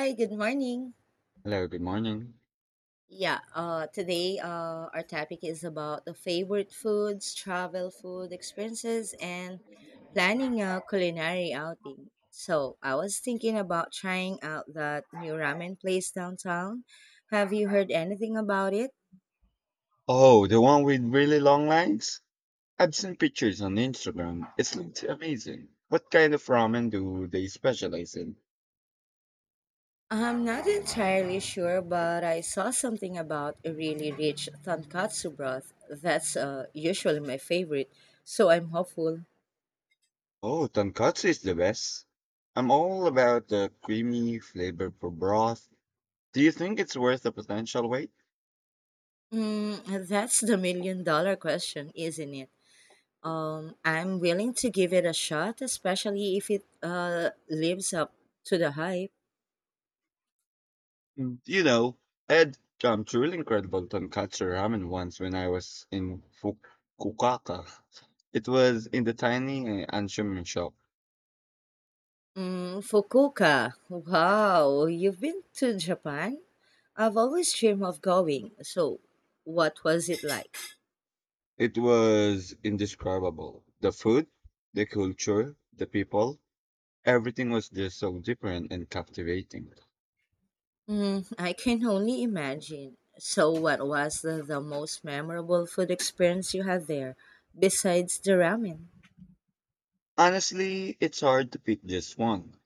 Hi, good morning. Hello, good morning. Yeah, today our topic is about the favorite foods, travel food experiences, and planning a culinary outing. So I was thinking about trying out that new ramen place downtown. Have you heard anything about it? Oh, the one with really long lines? I've seen pictures on Instagram. It looks amazing. What kind of ramen do they specialize in? I'm not entirely sure, but I saw something about a really rich tonkatsu broth. That's usually my favorite, so I'm hopeful. Oh, tonkatsu is the best. I'm all about the creamy, flavorful broth. Do you think it's worth the potential wait? Mm, that's the million dollar question, isn't it? I'm willing to give it a shot, especially if it lives up to the hype. Mm, You know, I had truly incredible tonkatsu ramen once when I was in Fukuoka. It was in the tiny Anshumin shop. Mm, Fukuoka, wow, you've been to Japan? I've always dreamed of going, so what was it like? It was indescribable. The food, the culture, the people, everything was just so different and captivating. Mm, I can only imagine. So, what was the most memorable food experience you had there besides the ramen? Honestly, it's hard to pick just one.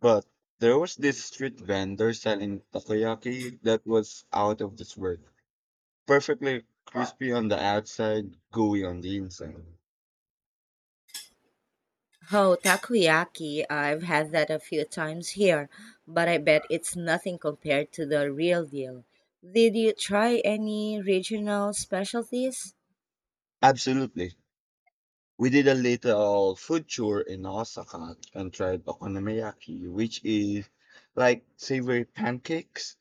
But there was this street vendor selling takoyaki that was out of this world. Perfectly crispy on the outside, gooey on the inside. Oh, takoyaki. I've had that a few times here, but I bet it's nothing compared to the real deal. Did you try any regional specialties? Absolutely. We did a little food tour in Osaka and tried okonomiyaki, which is like savory pancakes.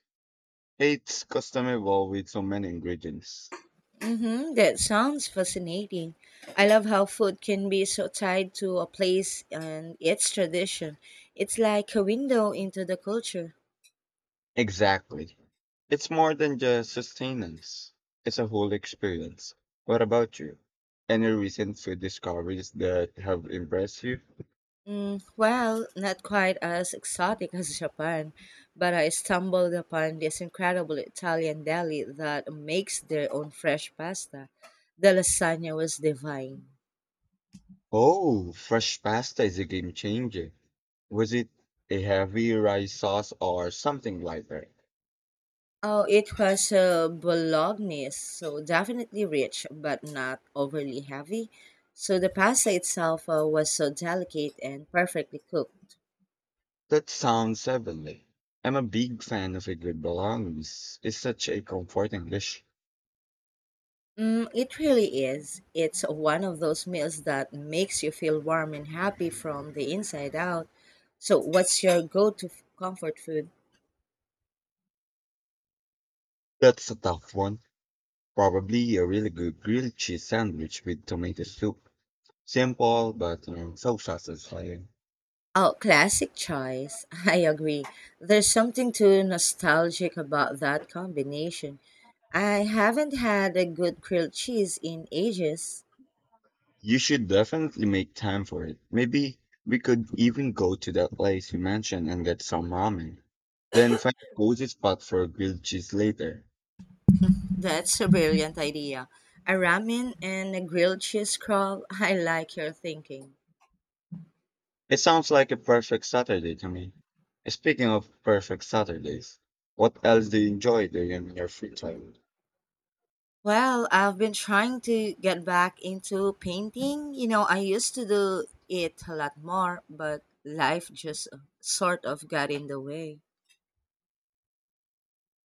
It's customizable with so many ingredients. Mm-hmm, that sounds fascinating. I love how food can be so tied to a place and its tradition. It's like a window into the culture. Exactly. It's more than just sustenance. It's a whole experience. What about you? Any recent food discoveries that have impressed you? Mm, well, not quite as exotic as Japan, but I stumbled upon this incredible Italian deli that makes their own fresh pasta. The lasagna was divine. Oh, fresh pasta is a game changer. Was it a heavy rice sauce or something lighter? Oh, it was bolognese, so definitely rich, but not overly heavy. So the pasta itself was so delicate and perfectly cooked. That sounds heavenly. I'm a big fan of a good bolognese. It's such a comforting dish. Mm, it really is. It's one of those meals that makes you feel warm and happy from the inside out. So, what's your go to comfort food? That's a tough one. Probably a really good grilled cheese sandwich with tomato soup. Simple, but so satisfying. Oh, classic choice. I agree. There's something too nostalgic about that combination. I haven't had a good grilled cheese in ages. You should definitely make time for it. Maybe we could even go to that place you mentioned and get some ramen. Then find a cozy spot for a grilled cheese later. That's a brilliant idea. A ramen and a grilled cheese crawl. I like your thinking. It sounds like a perfect Saturday to me. Speaking of perfect Saturdays, what else do you enjoy doing in your free time? Well, I've been trying to get back into painting. You know, I used to do it a lot more, but life just sort of got in the way.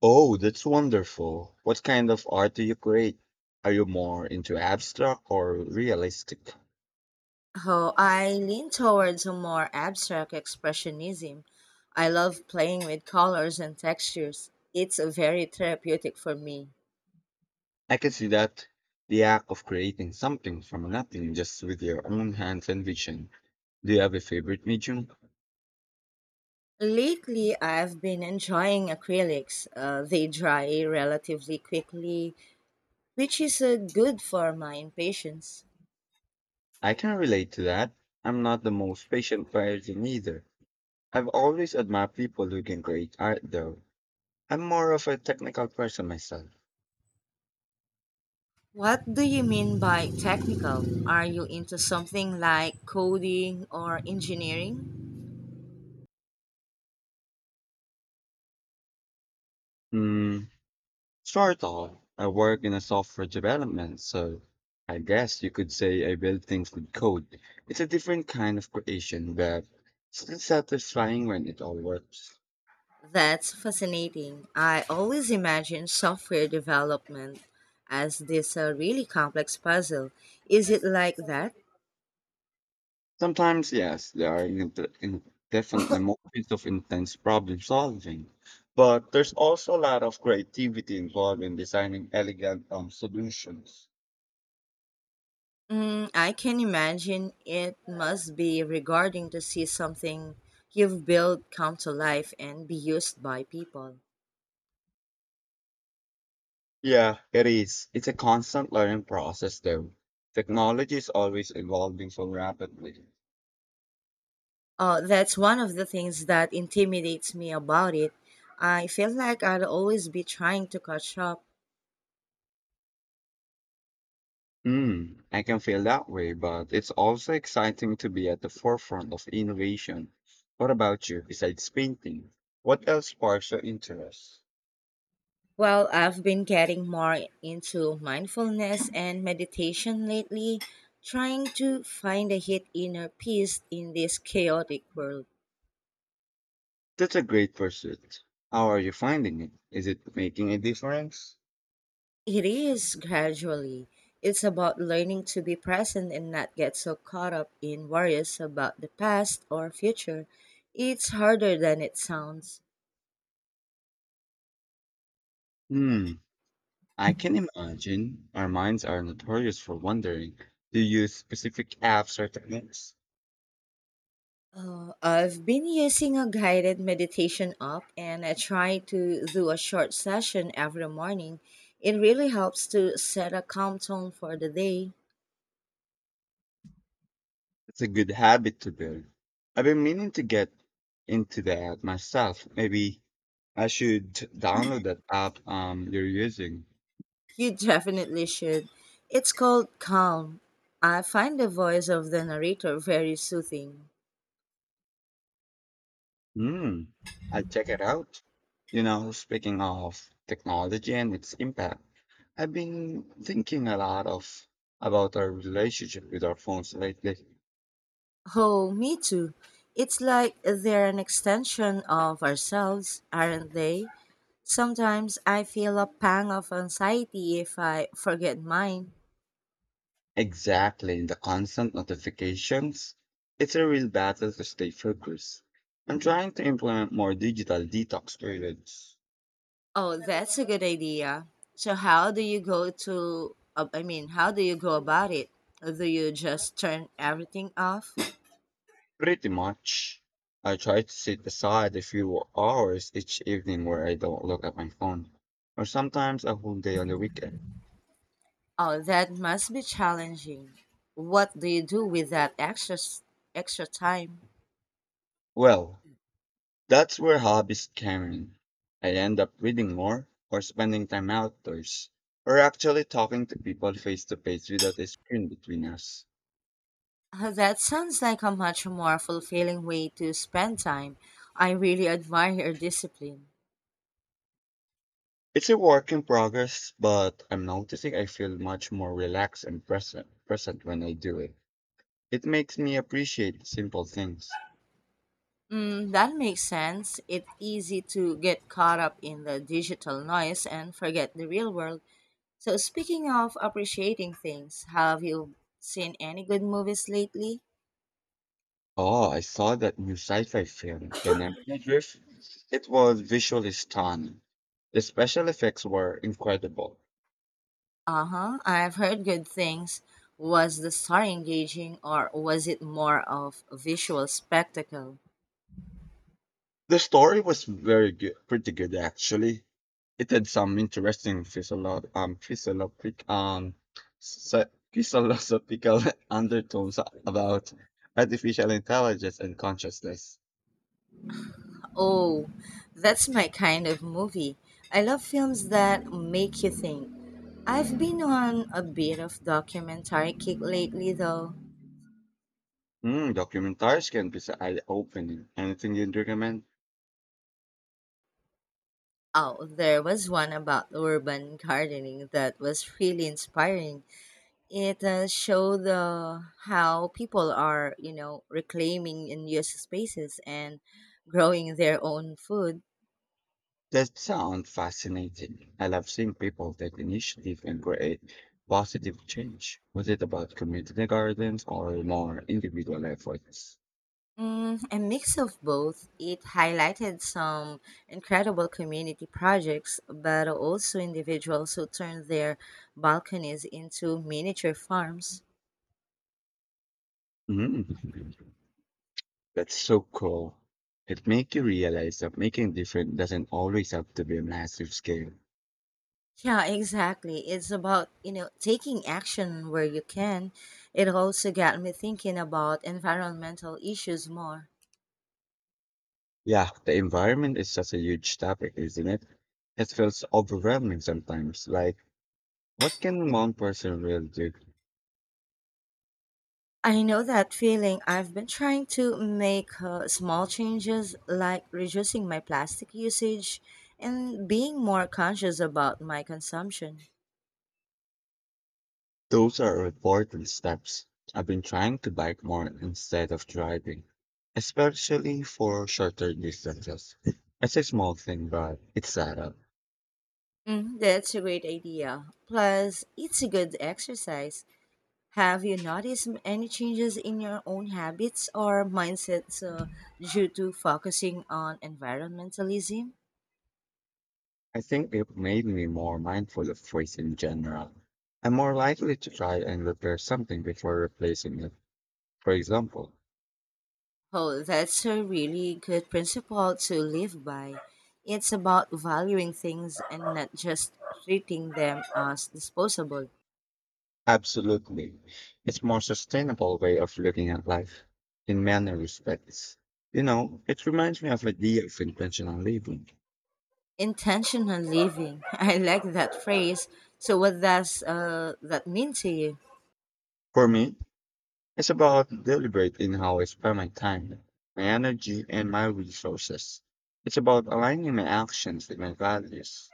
Oh, that's wonderful. What kind of art do you create? Are you more into abstract or realistic? Oh, I lean towards a more abstract expressionism. I love playing with colors and textures. It's a very therapeutic for me. I can see that, the act of creating something from nothing just with your own hands and vision. Do you have a favorite medium? Lately, I've been enjoying acrylics. They dry relatively quickly, which is good for my impatience. I can relate to that. I'm not the most patient person either. I've always admired people who can create art though. I'm more of a technical person myself. What do you mean by technical? Are you into something like coding or engineering? Hmm. Short of, I work in a software development, so I guess you could say I build things with code. It's a different kind of creation, but still satisfying when it all works. That's fascinating. I always imagine software development as this really complex puzzle. Is it like that? Sometimes, yes, there are in definitely moments of intense problem solving, but there's also a lot of creativity involved in designing elegant solutions. Mm, I can imagine it must be regarding to see something you've built come to life and be used by people. Yeah, it is. It's a constant learning process, though. Technology is always evolving so rapidly. That's one of the things that intimidates me about it. I feel like I'd always be trying to catch up. I can feel that way, but it's also exciting to be at the forefront of innovation. What about you, besides painting? What else sparks your interest? Well, I've been getting more into mindfulness and meditation lately, trying to find a hid inner peace in this chaotic world. That's a great pursuit. How are you finding it? Is it making a difference? It is gradually. It's about learning to be present and not get so caught up in worries about the past or future. It's harder than it sounds. Hmm, I can imagine. Our minds are notorious for wondering. Do you use specific apps or techniques? I've been using a guided meditation app and I try to do a short session every morning. It really helps to set a calm tone for the day. It's a good habit to build. I've been meaning to get into that myself. Maybe I should download that app you're using. You definitely should. It's called Calm. I find the voice of the narrator very soothing. Hmm. I'll check it out. You know, speaking of technology and its impact, I've been thinking a lot of about our relationship with our phones lately. Oh, me too. It's like they're an extension of ourselves, aren't they? Sometimes I feel a pang of anxiety if I forget mine. Exactly, the constant notifications. It's a real battle to stay focused. I'm trying to implement more digital detox periods. Oh, that's a good idea. So how do you go to I mean, how do you go about it? Do you just turn everything off? Pretty much. I try to set aside a few hours each evening where I don't look at my phone, or sometimes a whole day on the weekend. Oh, that must be challenging. What do you do with that extra time? Well, that's where hobbies come in. I end up reading more, or spending time outdoors, or actually talking to people face to face without a screen between us. That sounds like a much more fulfilling way to spend time. I really admire your discipline. It's a work in progress, but I'm noticing I feel much more relaxed and present when I do it. It makes me appreciate simple things. Mm, that makes sense. It's easy to get caught up in the digital noise and forget the real world. So, speaking of appreciating things, have you seen any good movies lately? Oh, I saw that new sci-fi film, The Nebula Drift. It was visually stunning. The special effects were incredible. Uh huh, I've heard good things. Was the story engaging or was it more of a visual spectacle? The story was very good, pretty good actually. It had some interesting sci- philosophical undertones about artificial intelligence and consciousness. Oh, that's my kind of movie. I love films that make you think. I've been on a bit of documentary kick lately though. Mm, documentaries can be so eye-opening. Anything you'd recommend? Oh, there was one about urban gardening that was really inspiring. It show the how people are, you know, reclaiming unused spaces and growing their own food. That sounds fascinating. I love seeing people take initiative and create positive change. Was it about community gardens or more individual efforts? Mm, a mix of both. It highlighted some incredible community projects, but also individuals who turned their balconies into miniature farms. Mm, that's so cool. It makes you realize that making different doesn't always have to be a massive scale. Yeah, exactly. It's about, you know, taking action where you can. It also got me thinking about environmental issues more. Yeah, the environment is such a huge topic, isn't it? It feels overwhelming sometimes. Like, what can one person really do? I know that feeling. I've been trying to make small changes like reducing my plastic usage and being more conscious about my consumption. Those are important steps. I've been trying to bike more instead of driving, especially for shorter distances. It's a small thing, but it's add up. Mm, that's a great idea. Plus, it's a good exercise. Have you noticed any changes in your own habits or mindsets due to focusing on environmentalism? I think it made me more mindful of waste in general. I'm more likely to try and repair something before replacing it. For example, Oh, that's a really good principle to live by. It's about valuing things and not just treating them as disposable. absolutely. It's more sustainable way of looking at life in many respects. You know, it reminds me of the idea of intentional living. Intentional living. I like that phrase. So, what does that mean to you? For me, it's about deliberating how I spend my time, my energy, and my resources. It's about aligning my actions with my values.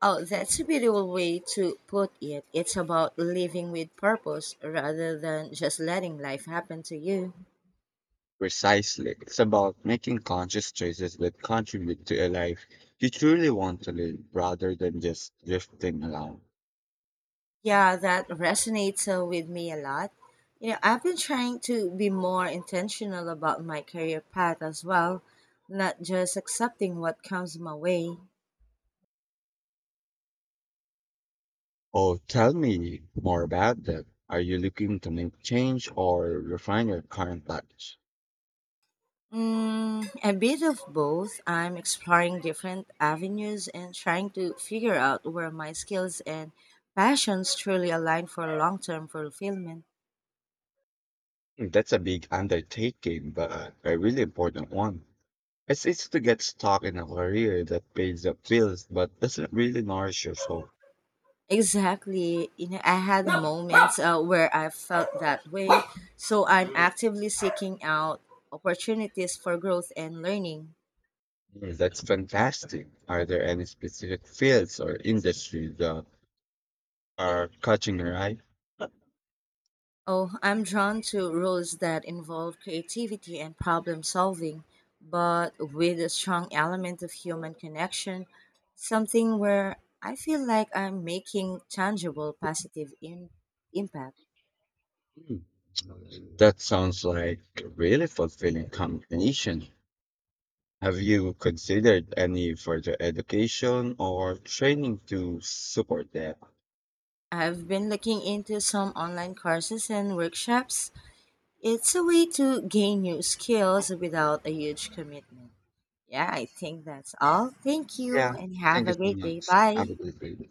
Oh, that's a beautiful way to put it. It's about living with purpose rather than just letting life happen to you. Precisely. It's about making conscious choices that contribute to a life you truly want to live rather than just drifting along. Yeah, that resonates with me a lot. You know, I've been trying to be more intentional about my career path as well, not just accepting what comes my way. Oh, tell me more about that. Are you looking to make change or refine your current values? Mm, a bit of both. I'm exploring different avenues and trying to figure out where my skills and passions truly align for long term fulfillment. Hmm, that's a big undertaking, but a really important one. It's easy to get stuck in a career that pays the bills but doesn't really nourish your soul. Exactly. You know, I had moments where I felt that way, so I'm actively seeking out opportunities for growth and learning. Mm. That's fantastic. Are there any specific fields or industries that are catching your eye? Oh, I'm drawn to roles that involve creativity and problem solving, but with a strong element of human connection, something where I feel like I'm making tangible positive impact. Hmm, that sounds like a really fulfilling combination. Have you considered any further education or training to support that? I've been looking into some online courses and workshops. It's a way to gain new skills without a huge commitment. Yeah, I think that's all. Thank you Yeah, and have thank you a so great day. much. Have Bye. a good day.